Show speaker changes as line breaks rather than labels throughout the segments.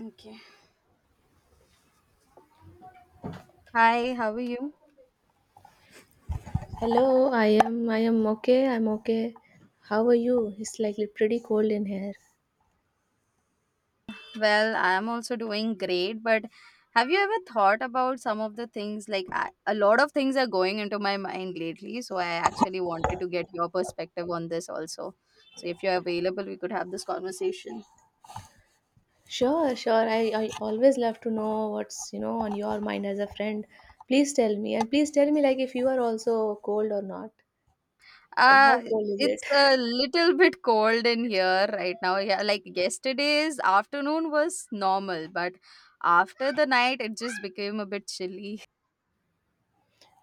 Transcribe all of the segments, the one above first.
Okay. Hi, how are you?
Hello, I am okay. I'm okay. How are you? It's like pretty cold in here.
Well, I'm also doing great, but have you ever thought about some of the things like a lot of things are going into my mind lately, so I actually wanted to get your perspective on this also. So if you're available, we could have this conversation.
Sure, sure. I always love to know what's, you know, on your mind as a friend. Please tell me. And please tell me like if you are also cold or not. How
Uh
cold is it?
it's a little bit cold in here right now. Yeah, like yesterday's afternoon was normal, but after the night it just became a bit chilly.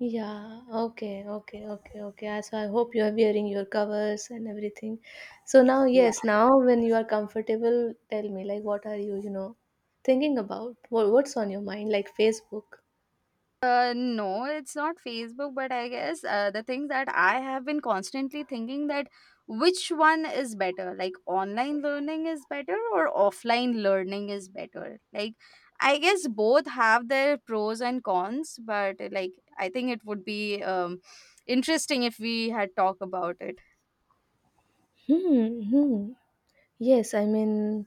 Yeah, okay, okay, okay, okay. So I hope you are wearing your covers and everything. So now,
Yeah.
yes, now when you are comfortable, tell me like what are you, you know, thinking about? What's on your mind? Like Facebook.
No, it's not Facebook, but I guess the thing that I have been constantly thinking that which one is better, like online learning is better or offline learning is better. Like, I guess both have their pros and cons, but like I think it would be interesting if we had talk about it.
Hmm. Hmm. Yes, I mean,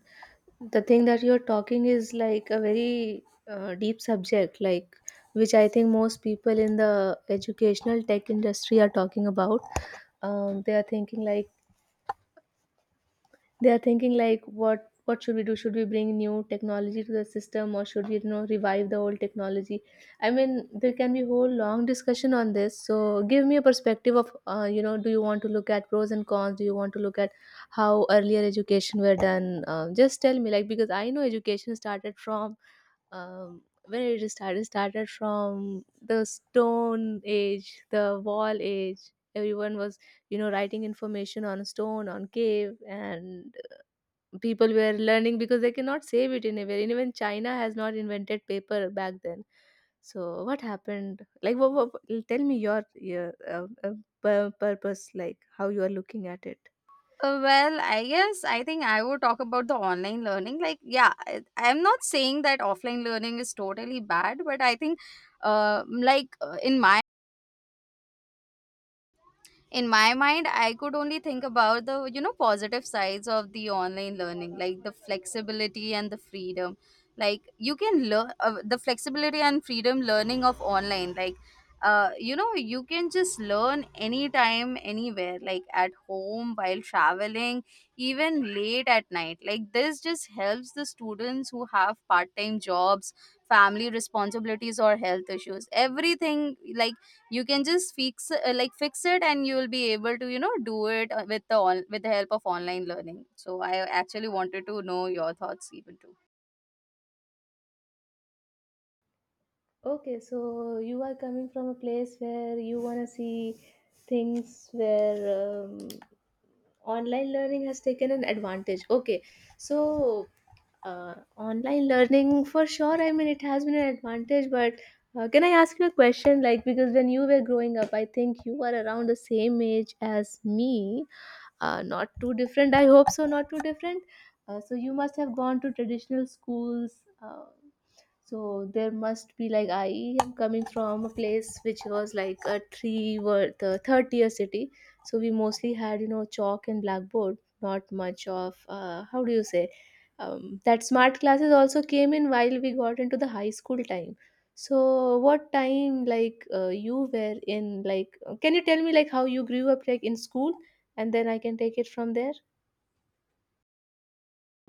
the thing that you're talking is like a very deep subject, like which I think most people in the educational tech industry are talking about. They are thinking like what should we do? Should we bring new technology to the system, or should we, you know, revive the old technology? I mean, there can be whole long discussion on this. So give me a perspective of, you know, do you want to look at pros and cons? Do you want to look at how earlier education were done? Just tell me, like, because I know education started from when it is started from the stone age, the wall age. Everyone was, you know, writing information on stone, on cave, and people were learning because they cannot save it anywhere. And even China has not invented paper back then. So what happened? Like, what, tell me your, your purpose, like how you are looking at it.
Well, I guess I think I would talk about the online learning. Like, yeah, I'm not saying that offline learning is totally bad, but I think, uh, like uh, in my in my mind I could only think about the, you know, positive sides of the online learning, like the flexibility and the freedom. Like you can learn, the flexibility and freedom learning of online, like you know, you can just learn anytime anywhere, like at home, while traveling, even late at night. Like this just helps the students who have part-time jobs, family responsibilities, or health issues, everything. Like you can just fix, fix it, and you will be able to, you know, do it, with the on, with the help of online learning. So I actually wanted to know your thoughts even too.
Okay, so you are coming from a place where you want to see things where, online learning has taken an advantage. Okay, so online learning, for sure, I mean, it has been an advantage. But can I ask you a question? Like, because when you were growing up, I think you were around the same age as me, not too different, I hope so, not too different. So you must have gone to traditional schools. So there must be like, I am coming from a place which was like a three word, the third tier city. So we mostly had, you know, chalk and blackboard, not much of, how do you say, that smart classes also came in while we got into the high school time. So what time, like, you were in, like, can you tell me like how you grew up, like in school, and then I can take it from there.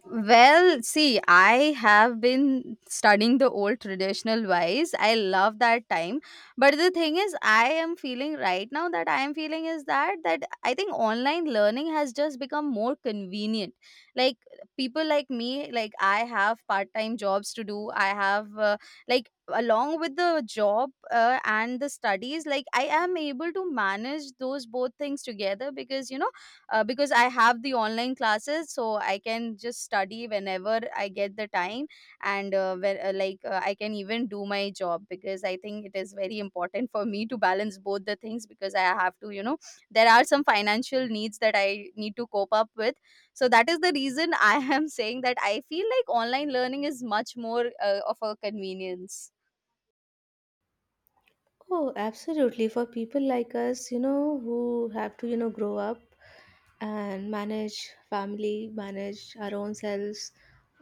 Well, see, I have been studying the old traditional wise. I love that time. But the thing is, I am feeling right now that I am feeling is that I think online learning has just become more convenient. Like people like me, like I have part-time jobs to do. I have, like along with the job, and the studies, like I am able to manage those both things together, because, you know, because I have the online classes, so I can just study whenever I get the time, and where, like I can even do my job, because I think it is very important for me to balance both the things, because I have to, you know, there are some financial needs that I need to cope up with. So that is the reason I am saying that I feel like online learning is much more of a convenience.
Oh, absolutely. For people like us, you know, who have to, you know, grow up and manage family, manage our own selves,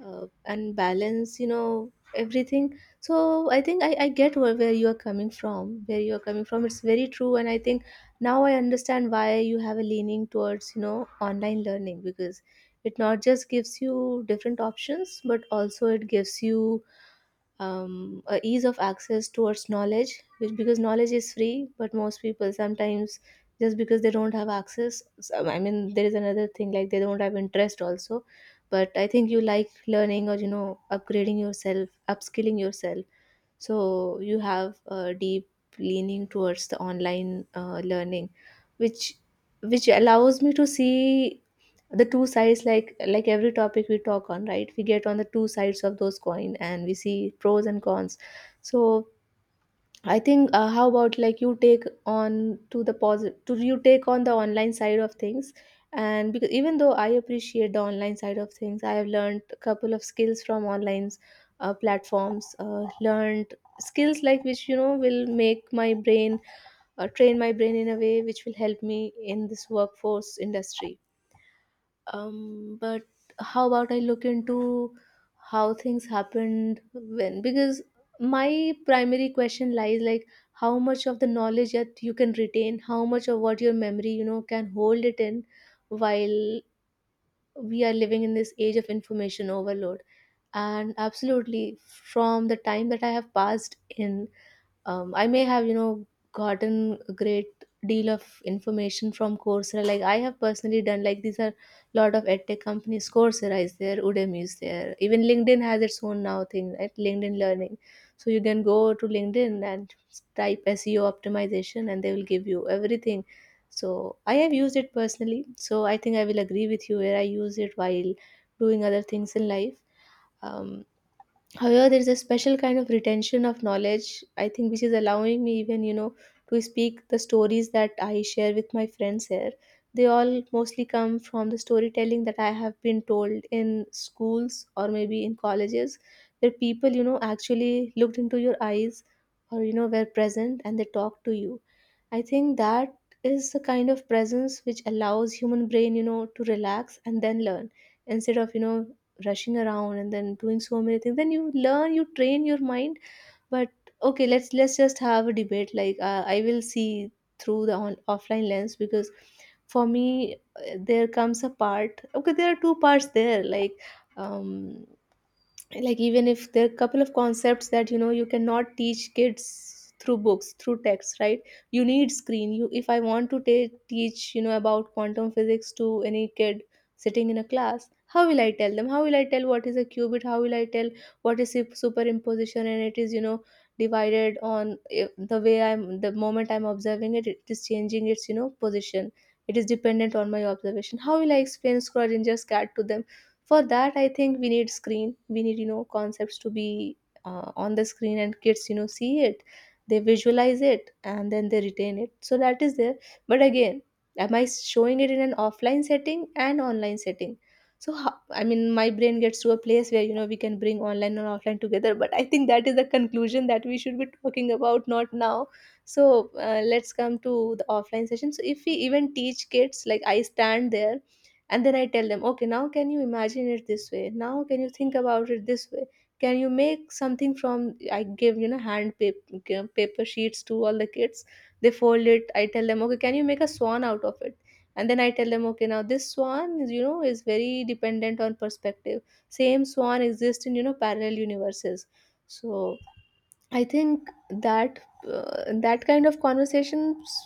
and balance, you know, everything. So I think I get where, you are coming from, it's very true. And I think now I understand why you have a leaning towards, you know, online learning, because it not just gives you different options, but also it gives you, a ease of access towards knowledge. Which, because knowledge is free, but most people sometimes just because they don't have access, so- I mean, there is another thing, like they don't have interest also. But I think you like learning, or, you know, upgrading yourself, upskilling yourself, so you have a deep leaning towards the online learning, which allows me to see the two sides, like every topic we talk on, right, we get on the two sides of those coin and we see pros and cons. So I think, how about, like, you take on to the positive, to you take on the online side of things. And because even though I appreciate the online side of things, I have learned a couple of skills from online platforms, learned skills like which, you know, will make my brain, train my brain in a way which will help me in this workforce industry. But how about I look into how things happened when, because my primary question lies, like, how much of the knowledge that you can retain, how much of what your memory, you know, can hold it in, while we are living in this age of information overload. And absolutely, from the time that I have passed in, I may have, you know, gotten a great deal of information from Coursera. Like, I have personally done, like, these are a lot of edtech companies. Coursera is there, Udemy is there. Even LinkedIn has its own now thing, right? LinkedIn Learning. So you can go to LinkedIn and type SEO optimization, and they will give you everything. So I have used it personally. So I think I will agree with you where I use it while doing other things in life. Um, However, there is a special kind of retention of knowledge, I think, which is allowing me even, you know, to speak the stories that I share with my friends here. They all mostly come from the storytelling that I have been told in schools or maybe in colleges, where people, you know, actually looked into your eyes, or, you know, were present and they talked to you. I think that is the kind of presence which allows human brain, you know, to relax and then learn instead of, you know, rushing around and then doing so many things. Then you learn, you train your mind. But okay, let's just have a debate. Like, I will see through the on, offline lens. Because for me, there comes a part, okay, there are two parts there, like, um like, even if there are a couple of concepts that, you know, you cannot teach kids through books, through text, right? You need screen. You, if I want to teach, you know, about quantum physics to any kid sitting in a class, how will I tell them? How will I tell what is a qubit? How will I tell what is superimposition, and it is, you know, divided on, the way I'm the moment I'm observing it, it is changing its, you know, position. It is dependent on my observation. How will I explain Schrodinger's cat to them? For that, I think we need screen. We need, you know, concepts to be, on the screen, and kids, you know, see it. They visualize it and then they retain it. So that is there. But again, am I showing it in an offline setting and online setting? So I mean, my brain gets to a place where, you know, we can bring online and offline together. But I think that is the conclusion that we should be talking about, not now. So, let's come to the offline session. So if we even teach kids, like, I stand there and then I tell them, okay, now can you imagine it this way? Now can you think about it this way? Can you make something from, I give, you know, hand paper, sheets to all the kids, they fold it, I tell them, okay, can you make a swan out of it? And then I tell them, okay, now this swan is, you know, is very dependent on perspective. Same swan exists in, you know, parallel universes. So I think that, that kind of conversations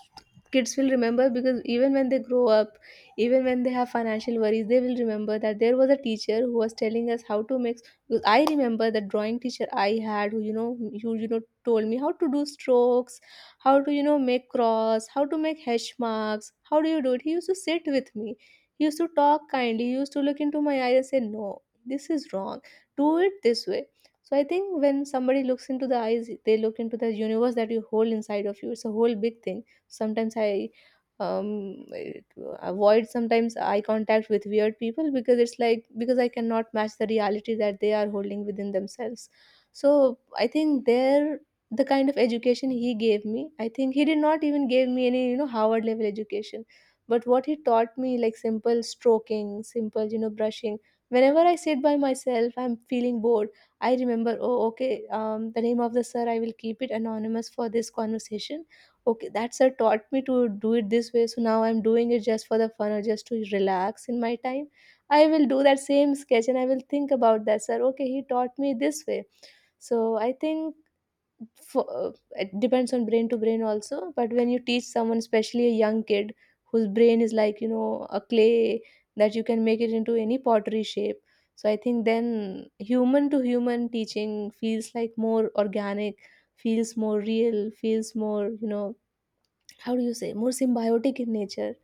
kids will remember, because even when they grow up, even when they have financial worries, they will remember that there was a teacher who was telling us how to mix. Because I remember the drawing teacher I had, who you know, told me how to do strokes, how to, you know, make cross, how to make hash marks, how do you do it. He used to sit with me. He used to talk kindly. He used to look into my eyes and say, "No, this is wrong. Do it this way." So I think when somebody looks into the eyes, they look into the universe that you hold inside of you. It's a whole big thing. Sometimes I um avoid sometimes eye contact with weird people, because it's like, because I cannot match the reality that they are holding within themselves. So I think there, the kind of education he gave me, I think he did not even give me any, you know, Howard level education. But what he taught me, like simple stroking, simple, you know, brushing. Whenever I sit by myself, I'm feeling bored, I remember, oh, okay, the name of the sir, I will keep it anonymous for this conversation. Okay, that sir taught me to do it this way, so now I'm doing it just for the fun or just to relax in my time. I will do that same sketch and I will think about that, sir. Okay, he taught me this way. So I think for it depends on brain to brain also, but when you teach someone, especially a young kid whose brain is like, you know, a clay that you can make it into any pottery shape, so I think then human to human teaching feels like more organic, feels more real, feels more, you know, how do you say, more symbiotic in nature.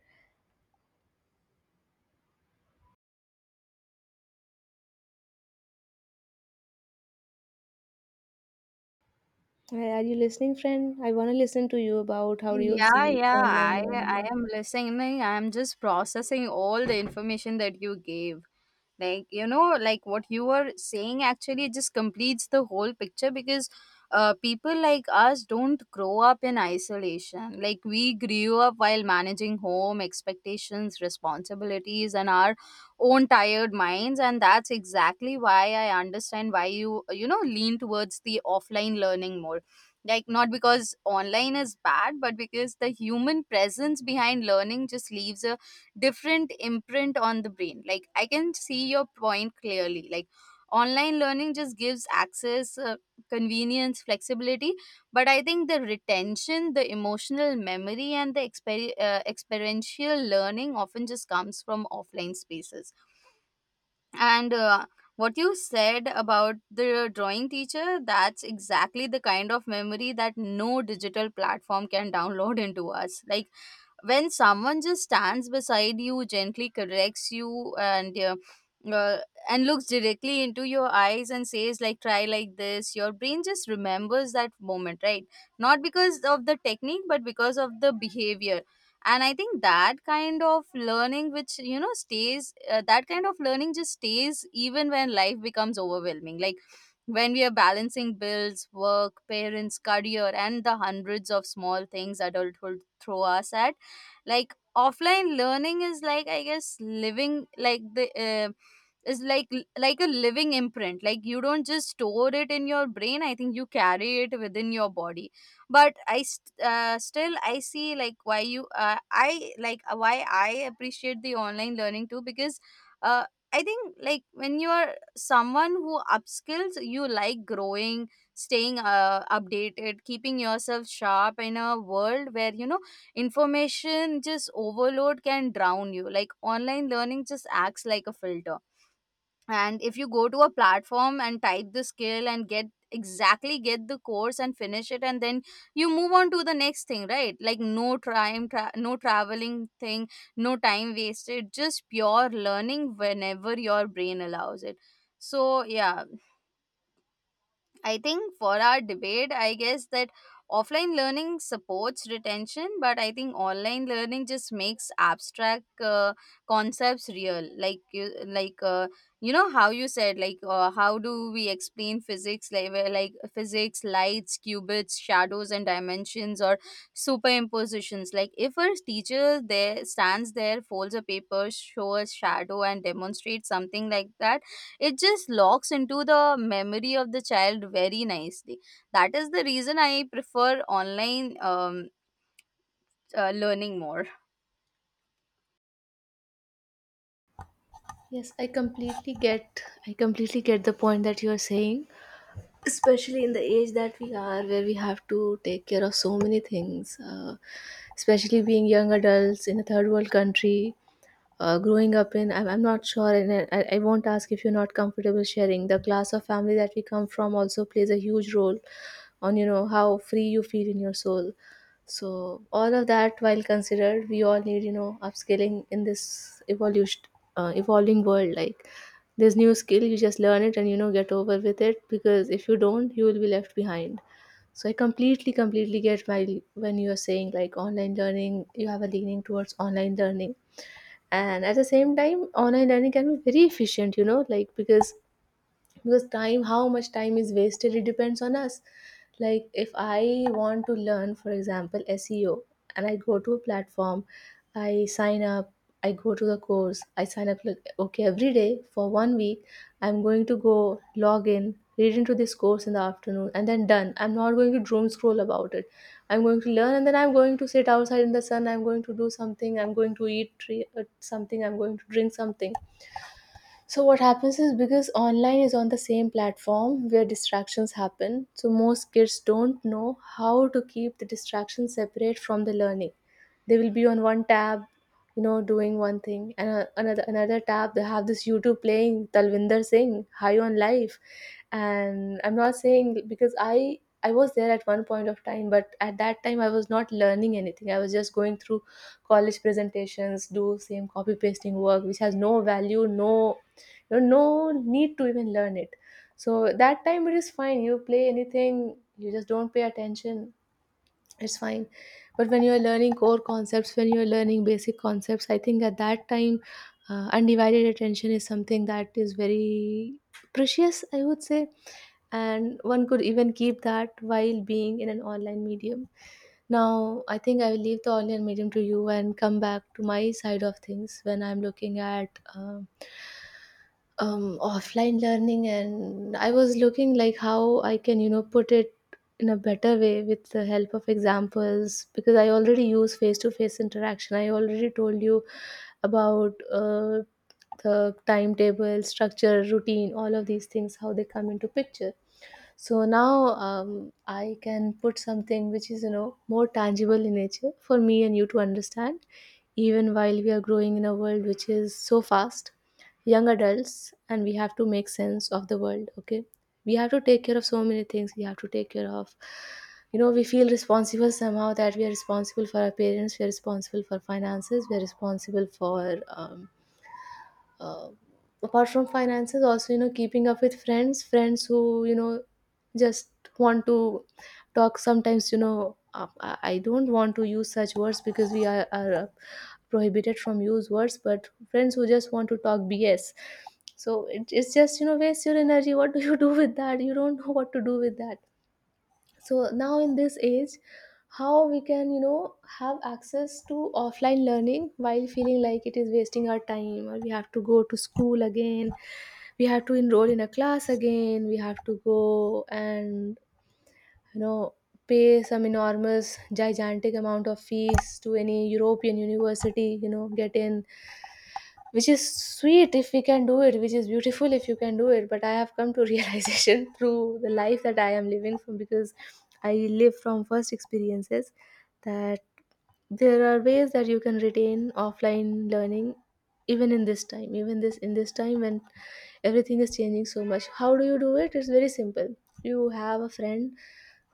Are you listening, friend? I want to listen to you about how do you
Yeah,
see
yeah,
online, and
I
yeah.
am listening. I am just processing all the information that you gave. Like, you know, like what you were saying actually just completes the whole picture, because people like us don't grow up in isolation. Like we grew up while managing home expectations, responsibilities, and our own tired minds, and that's exactly why I understand why you, you know, lean towards the offline learning more. Like not because online is bad, but because the human presence behind learning just leaves a different imprint on the brain. Like I can see your point clearly. Like online learning just gives access, convenience, flexibility, but I think the retention, the emotional memory, and the experiential learning often just comes from offline spaces. And what you said about the drawing teacher, that's exactly the kind of memory that no digital platform can download into us. Like when someone just stands beside you, gently corrects you, uh, and looks directly into your eyes and says like try like this, your brain just remembers that moment, right? Not because of the technique, but because of the behavior. And I think that kind of learning which, you know, stays that kind of learning just stays even when life becomes overwhelming. Like when we are balancing bills, work, parents, career, and the hundreds of small things adulthood throw us at, like offline learning is like, I guess, living like the is like a living imprint. Like you don't just store it in your brain, I think you carry it within your body. But still I see like why I appreciate the online learning too, because uh, I think, like when you are someone who upskills you, like growing, staying updated, keeping yourself sharp in a world where, you know, information just overload can drown you, like online learning just acts like a filter. And if you go to a platform and type the skill and get the course and finish it, and then you move on to the next thing, right? Like no no traveling thing, no time wasted, just pure learning whenever your brain allows it. So yeah, I think for our debate, I guess that offline learning supports retention, but I think online learning just makes abstract concepts real. You know how you said, like how do we explain physics, like where, like physics, lights, qubits, shadows, and dimensions, or superimpositions. Like if a teacher there stands there, folds a paper, shows shadow, and demonstrates something like that, it just locks into the memory of the child very nicely. That is the reason I prefer online learning more.
Yes, I completely get, I completely get the point that you are saying, especially in the age that we are, where we have to take care of so many things, especially being young adults in a third world country, growing up in I'm not sure, and I won't ask if you're not comfortable sharing, the class of family that we come from also plays a huge role on, you know, how free you feel in your soul. So all of that, while considered, we all need, you know, upskilling in this evolution, evolving world. Like, this new skill, you just learn it and, you know, get over with it, because if you don't, you will be left behind. So I completely, completely get why when you are saying like online learning, you have a leaning towards online learning. And at the same time, online learning can be very efficient, you know, like, because time, how much time is wasted, it depends on us. Like, if I want to learn, for example, seo, and I go to a platform, I sign up, I go to the course, I sign up, like, okay, every day for one week I'm going to go, log in, read into this course in the afternoon, and then done. I'm not going to doom scroll about it. I'm going to learn, and then I'm going to sit outside in the sun, I'm going to do something, I'm going to eat tree, something, I'm going to drink something. So what happens is, because online is on the same platform where distractions happen, so most kids don't know how to keep the distractions separate from the learning. They will be on one tab, you know, doing one thing, and another tab they have this YouTube playing Talvinder Singh High on Life, and I'm not saying, because I was there at one point of time, but at that time I was not learning anything. I was just going through college presentations, do same copy pasting work, which has no value, no, there's no need to even learn it. So that time it is fine. You play anything, you just don't pay attention. It's fine. But when you are learning core concepts, when you are learning basic concepts, I think at that time, undivided attention is something that is very precious, I would say. And one could even keep that while being in an online medium. Now, I think I will leave the online medium to you and come back to my side of things when I'm looking at. Offline learning, and I was looking like how I can, you know, put it in a better way with the help of examples, because I already use face-to-face interaction. I already told you about the timetable, structure, routine, all of these things, how they come into picture. So now, I can put something which is, you know, more tangible in nature for me and you to understand, even while we are growing in a world which is so fast, young adults, and we have to make sense of the world, okay? We have to take care of so many things. We have to take care of, you know, we feel responsible somehow that we are responsible for our parents, we are responsible for finances, we are responsible for, uh, apart from finances also, you know, keeping up with friends, friends who, you know, just want to talk sometimes, you know, I don't want to use such words because we are prohibited from use words, but friends who just want to talk bs. So it's just, you know, waste your energy. What do you do with that? You don't know what to do with that. So now in this age, how we can, you know, have access to offline learning while feeling like it is wasting our time, or we have to go to school again, we have to enroll in a class again, we have to go and, you know, pay some enormous gigantic amount of fees to any european university, you know, get in, which is sweet if we can do it, which is beautiful if you can do it, but I have come to realization through the life that I am living from, because I live from first experiences, that there are ways that you can retain offline learning, even in this time, even this in this time when everything is changing so much. How do you do it? It's very simple. You have a friend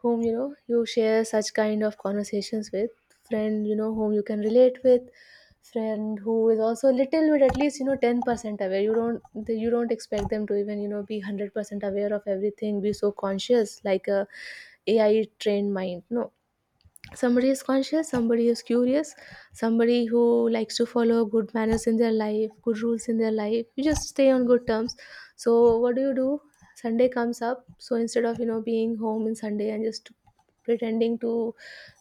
whom, you know, you share such kind of conversations with, friend, you know, whom you can relate with, friend who is also a little bit, at least, you know, 10% aware. You don't expect them to even, you know, be 100% aware of everything, be so conscious like a ai trained mind. No, somebody is conscious, somebody is curious, somebody who likes to follow good manners in their life, good rules in their life, you just stay on good terms. So what do you do? Sunday comes up, so instead of, you know, being home in sunday and just pretending to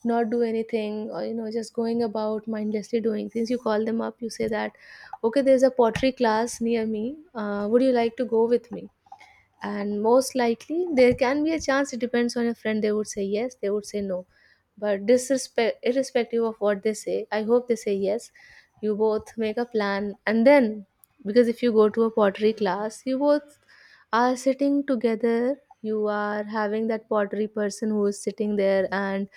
not do anything, or, you know, just going about mindlessly doing things, you call them up, you say that, okay, there's a pottery class near me, would you like to go with me? And most likely, there can be a chance, it depends on your friend, they would say yes, they would say no, but disrespect irrespective of what they say, I hope they say yes. You both make a plan, and then because if you go to a pottery class, you both are sitting together, you are having that pottery person who is sitting there, and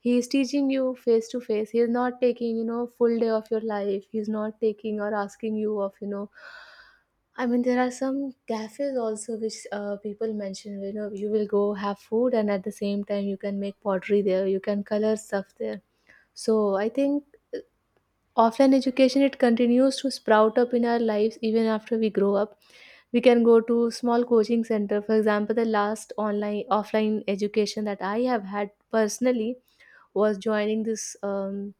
he is teaching you face to face. He is not taking, you know, full day of your life. He is not taking or asking you of, you know, I mean, there are some cafes also which, people mention, you know, you will go have food and at the same time you can make pottery there, you can color stuff there. So I think offline education, it continues to sprout up in our lives even after we grow up. We can go to small coaching center. For example, the last online offline education that I have had personally was joining this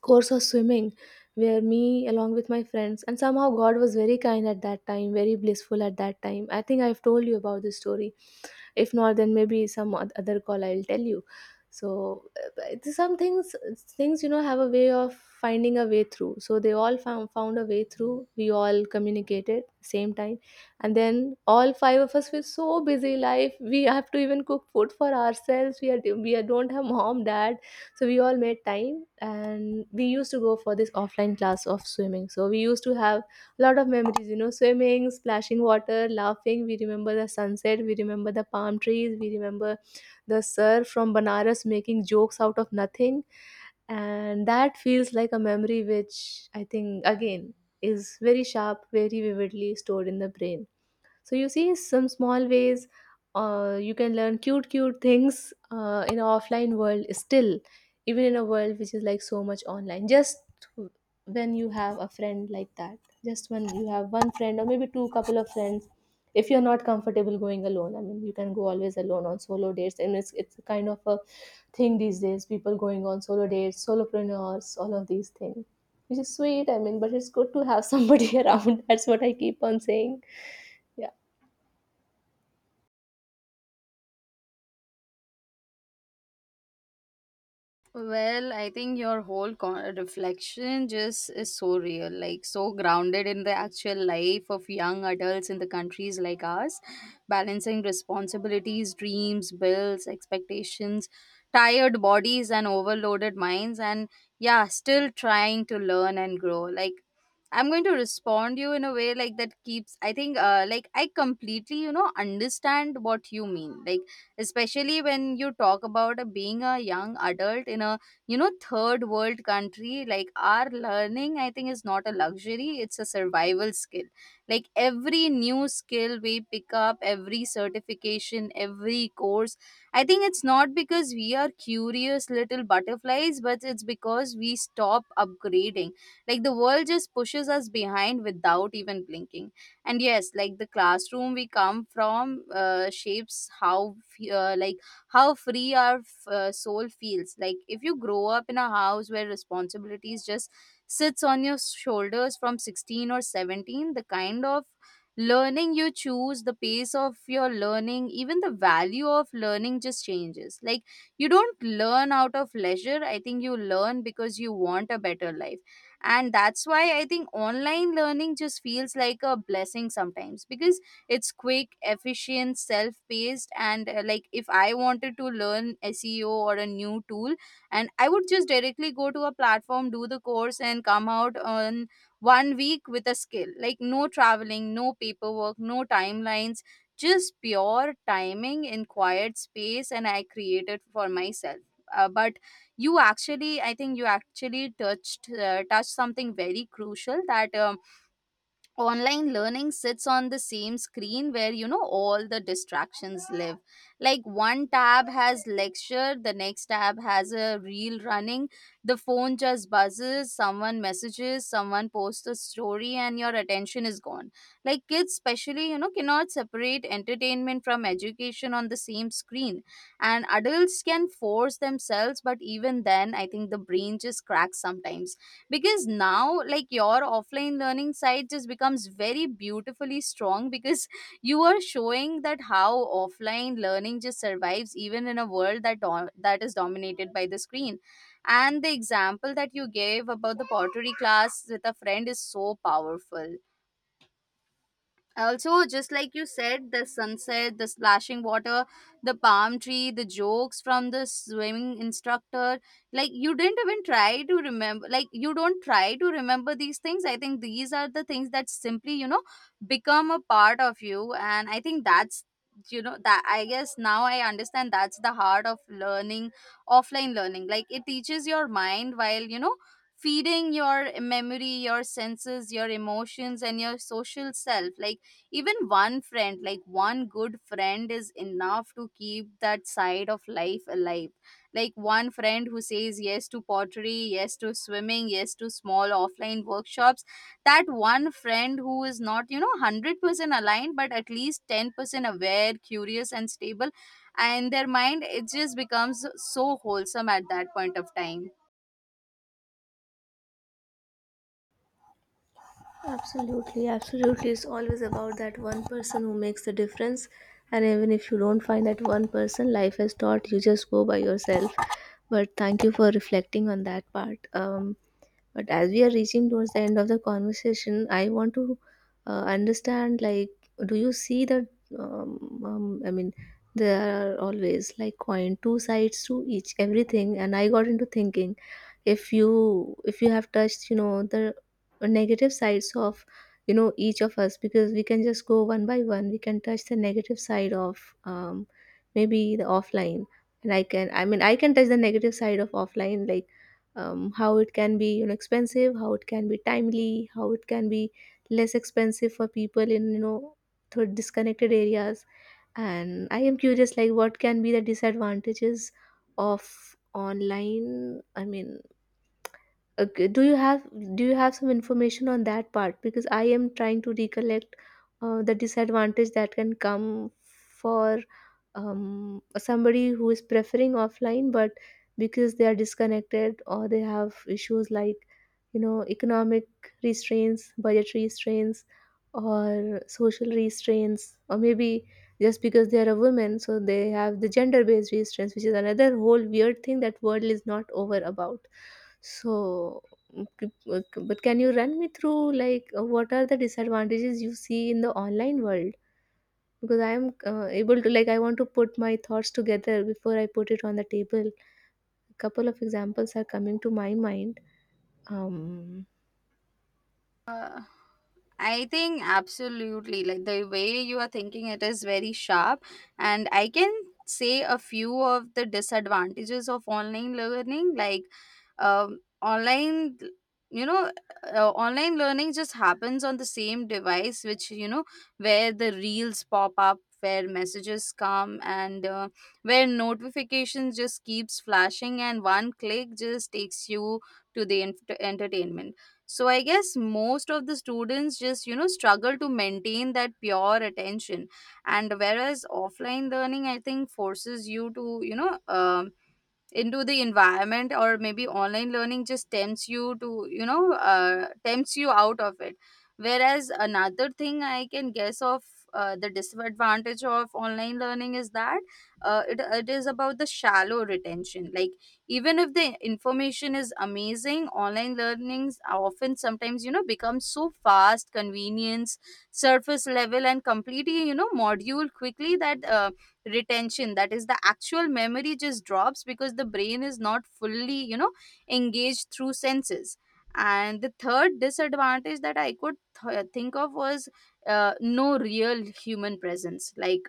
course of swimming, where me along with my friends, and somehow god was very kind at that time, very blissful at that time, I think I've told you about this story. If not, then maybe some other call I'll tell you. So, but some things, you know, have a way of finding a way through, so they all found a way through, we all communicated same time. And then all five of us were so busy life, we have to even cook food for ourselves, don't have mom dad. So we all made time, and we used to go for this offline class of swimming, so we used to have lot of memories, you know, swimming, splashing water, laughing. We remember the sunset, we remember the palm trees, we remember the sir from Banaras making jokes out of nothing. And that feels like a memory which, I think again, is very sharp, very vividly stored in the brain. So you see some small ways, you can learn cute, cute things in an offline world still, even in a world which is like so much online. Just when you have a friend like that, just when you have one friend, or maybe two, couple of friends, if you're not comfortable going alone, I mean, you can go always alone on solo dates, and it's a kind of a thing these days. People going on solo dates, solopreneurs, all of these things, which is sweet. I mean, but it's good to have somebody around. That's what I keep on saying. Yeah.
Well, I think your reflection just is so real, like so grounded in the actual life of young adults in the countries like ours, balancing responsibilities, dreams, bills, expectations, tired bodies, and overloaded minds, and yeah, still trying to learn and grow. Like, I'm going to respond you in a way like that keeps. I think, like I completely, you know, understand what you mean, like especially when you talk about being a young adult in a, you know, third world country. Like our learning, I think, is not a luxury, it's a survival skill. Like every new skill we pick up, every certification, every course, I think it's not because we are curious little butterflies, but it's because we stop upgrading. Like the world just pushes us behind without even blinking. And yes, like the classroom we come from shapes how f- uh, like how free our soul feels. Like if you grow up in a house where responsibilities just sits on your shoulders from 16 or 17, the kind of learning you choose, the pace of your learning, even the value of learning just changes. Like you don't learn out of leisure, I think you learn because you want a better life. And that's why I think online learning just feels like a blessing sometimes, because it's quick, efficient, self-paced, and like if I wanted to learn seo or a new tool, and I would just directly go to a platform, do the course, and come out on 1 week with a skill, like no traveling, no paperwork, no timelines, just pure timing in quiet space and I created for myself. But you actually, I think, you actually touched touched something very crucial that, online learning sits on the same screen where, you know, all the distractions live. Like one tab has lecture, the next tab has a reel running, the phone just buzzes, someone messages, someone posts a story, and your attention is gone. Like kids especially, you know, cannot separate entertainment from education on the same screen, and adults can force themselves, but even then I think the brain just cracks sometimes, because now like your offline learning side just becomes very beautifully strong because you are showing that how offline learning just survives even in a world that that is dominated by the screen. And the example that you gave about the pottery class with a friend is so powerful. Also just like you said, the sunset, the splashing water, the palm tree, the jokes from the swimming instructor, like you didn't even try to remember. Like you don't try to remember these things, I think these are the things that simply, you know, become a part of you. And I think that's, you know, that, I guess now I understand, that's the heart of learning. Offline learning, like it teaches your mind while, you know, feeding your memory, your senses, your emotions, and your social self. Like even one friend, like one good friend is enough to keep that side of life alive. Like one friend who says yes to pottery, yes to swimming, yes to small offline workshops, that one friend who is not, you know, 100% aligned, but at least 10% aware, curious, and stable, and their mind, it just becomes so wholesome at that point of time.
Absolutely, absolutely. It's always about that one person who makes the difference. And even if you don't find that one person, life has taught you, just go by yourself. But thank you for reflecting on that part. But as we are reaching towards the end of the conversation, I want to understand like, do you see that? I mean, there are always like coin two sides to each everything, and I got into thinking if you have touched the negative sides of each of us, because we can just go one by one. We can touch the negative side of maybe the offline, and I can touch the negative side of offline, like how it can be expensive, how it can be timely, how it can be less expensive for people in disconnected areas. And I am curious, like, what can be the disadvantages of online? I mean, okay, do you have some information on that part? Because I am trying to recollect the disadvantage that can come for somebody who is preferring offline, but because they are disconnected or they have issues like, economic restraints, budgetary restraints, or social restraints, or maybe just because they are a woman, so they have the gender-based restraints, which is another whole weird thing that world is not over about. So, but can you run me through, like, what are the disadvantages you see in the online world? Because I am able to, like, I want to put my thoughts together before I put it on the table. A couple of examples are coming to my mind. Um,
Uh, I think absolutely. Like the way you are thinking, it is very sharp. And I can say a few of the disadvantages of online learning. Like um, online, you know, online learning just happens on the same device, which, you know, where the reels pop up, where messages come, and where notifications just keeps flashing, and one click just takes you to the entertainment. So I guess most of the students just, you know, struggle to maintain that pure attention. And whereas offline learning, I think, forces you to, you know, into the environment, or maybe online learning just tempts you to, you know, tempts you out of it. Whereas another thing I can guess of, the disadvantage of online learning is that, it is about the shallow retention. Like even if the information is amazing, online learnings are often sometimes, you know, become so fast convenience, surface level, and completely, you know, module quickly, that retention, that is the actual memory, just drops because the brain is not fully, you know, engaged through senses. And the third disadvantage that think of was, no real human presence. Like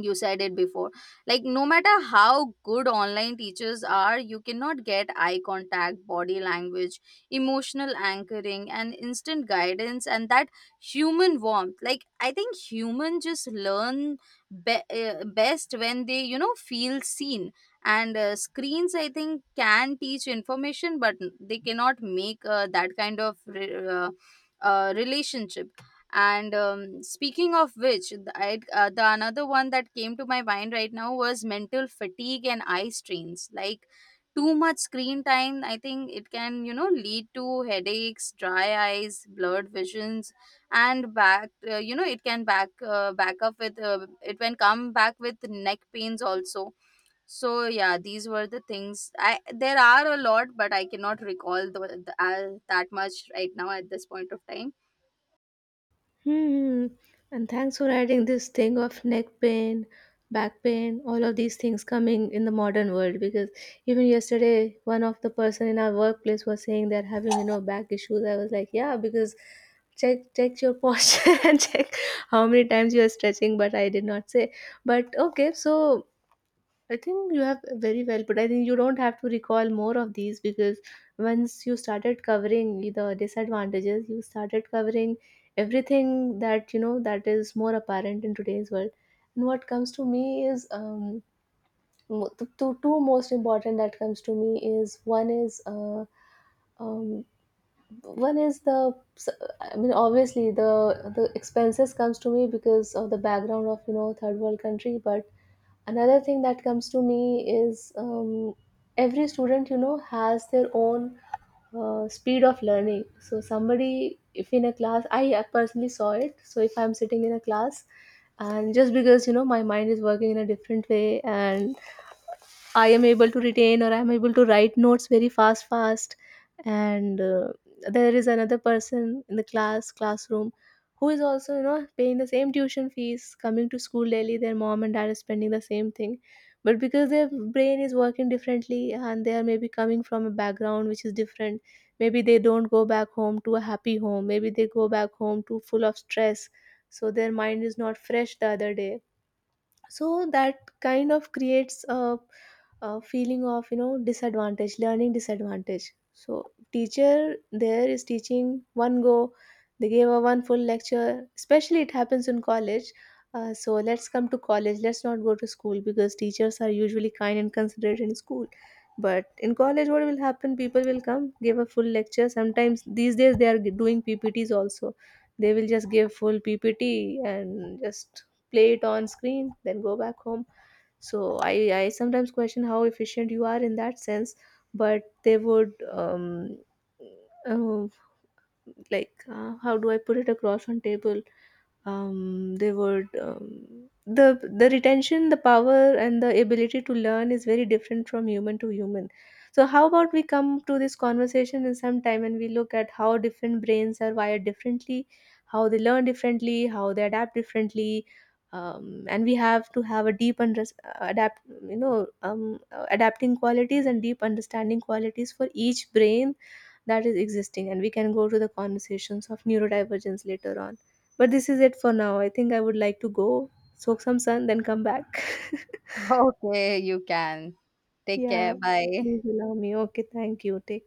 you said it before, like no matter how good online teachers are, you cannot get eye contact, body language, emotional anchoring, and instant guidance, and that human warmth. Like I think humans just learn best when they, you know, feel seen. And screens, I think, can teach information, but they cannot make that kind of re- relationship. And speaking of which, the, I, the another one that came to my mind right now was mental fatigue and eye strains. Like too much screen time, I think, it can, you know, lead to headaches, dry eyes, blurred visions, and back you know, it can back up with, it can come back with neck pains also. So yeah, these were the things I there are a lot but I cannot recall that much right now at this point of time.
Hmm. And thanks for adding this thing of neck pain, back pain, all of these things coming in the modern world. Because even yesterday, one of the person in our workplace was saying they're having back issues. I was like, yeah, because check your posture and check how many times you are stretching. But I did not say. But okay, so I think you have very well put. I think you don't have to recall more of these, because once you started covering the disadvantages, you started covering everything that you know that is more apparent in today's world. And what comes to me is the two most important that comes to me is one is um, one is the, I mean, obviously the expenses comes to me because of the background of, you know, third world country. But another thing that comes to me is, every student, you know, has their own speed of learning. So somebody, if in a class, I personally saw it. So if I'm sitting in a class, and just because, you know, my mind is working in a different way, and I am able to retain, or I'm able to write notes very fast. And there is another person in the classroom, who is also, you know, paying the same tuition fees, coming to school daily. Their mom and dad are spending the same thing. But because their brain is working differently and they are maybe coming from a background which is different, maybe they don't go back home to a happy home. Maybe they go back home to full of stress. So their mind is not fresh the other day, so that kind of creates a feeling of, you know, disadvantage, learning disadvantage. So teacher there is teaching one go, they gave a one full lecture. Especially it happens in college. Uh, so let's come to college, let's not go to school, because teachers are usually kind and considerate in school. But in college, what will happen, people will come, give a full lecture. Sometimes these days they are doing PPTs also. They will just give full PPT and just play it on screen, then go back home. So I sometimes question how efficient you are in that sense. But they would, uh, like, how do I put it across on table? They would, the retention, the power and the ability to learn is very different from human to human. So how about we come to this conversation in some time and we look at how different brains are wired differently, how they learn differently, how they adapt differently. And we have to have a deep and res- adapt you know, adapting qualities and deep understanding qualities for each brain that is existing. And we can go to the conversations of neurodivergence later on. But this is it for now. I think I would like to go soak some sun, then come back.
Okay, you can. Take
Yeah,
care. Bye.
please allow me. Okay, thank you. Take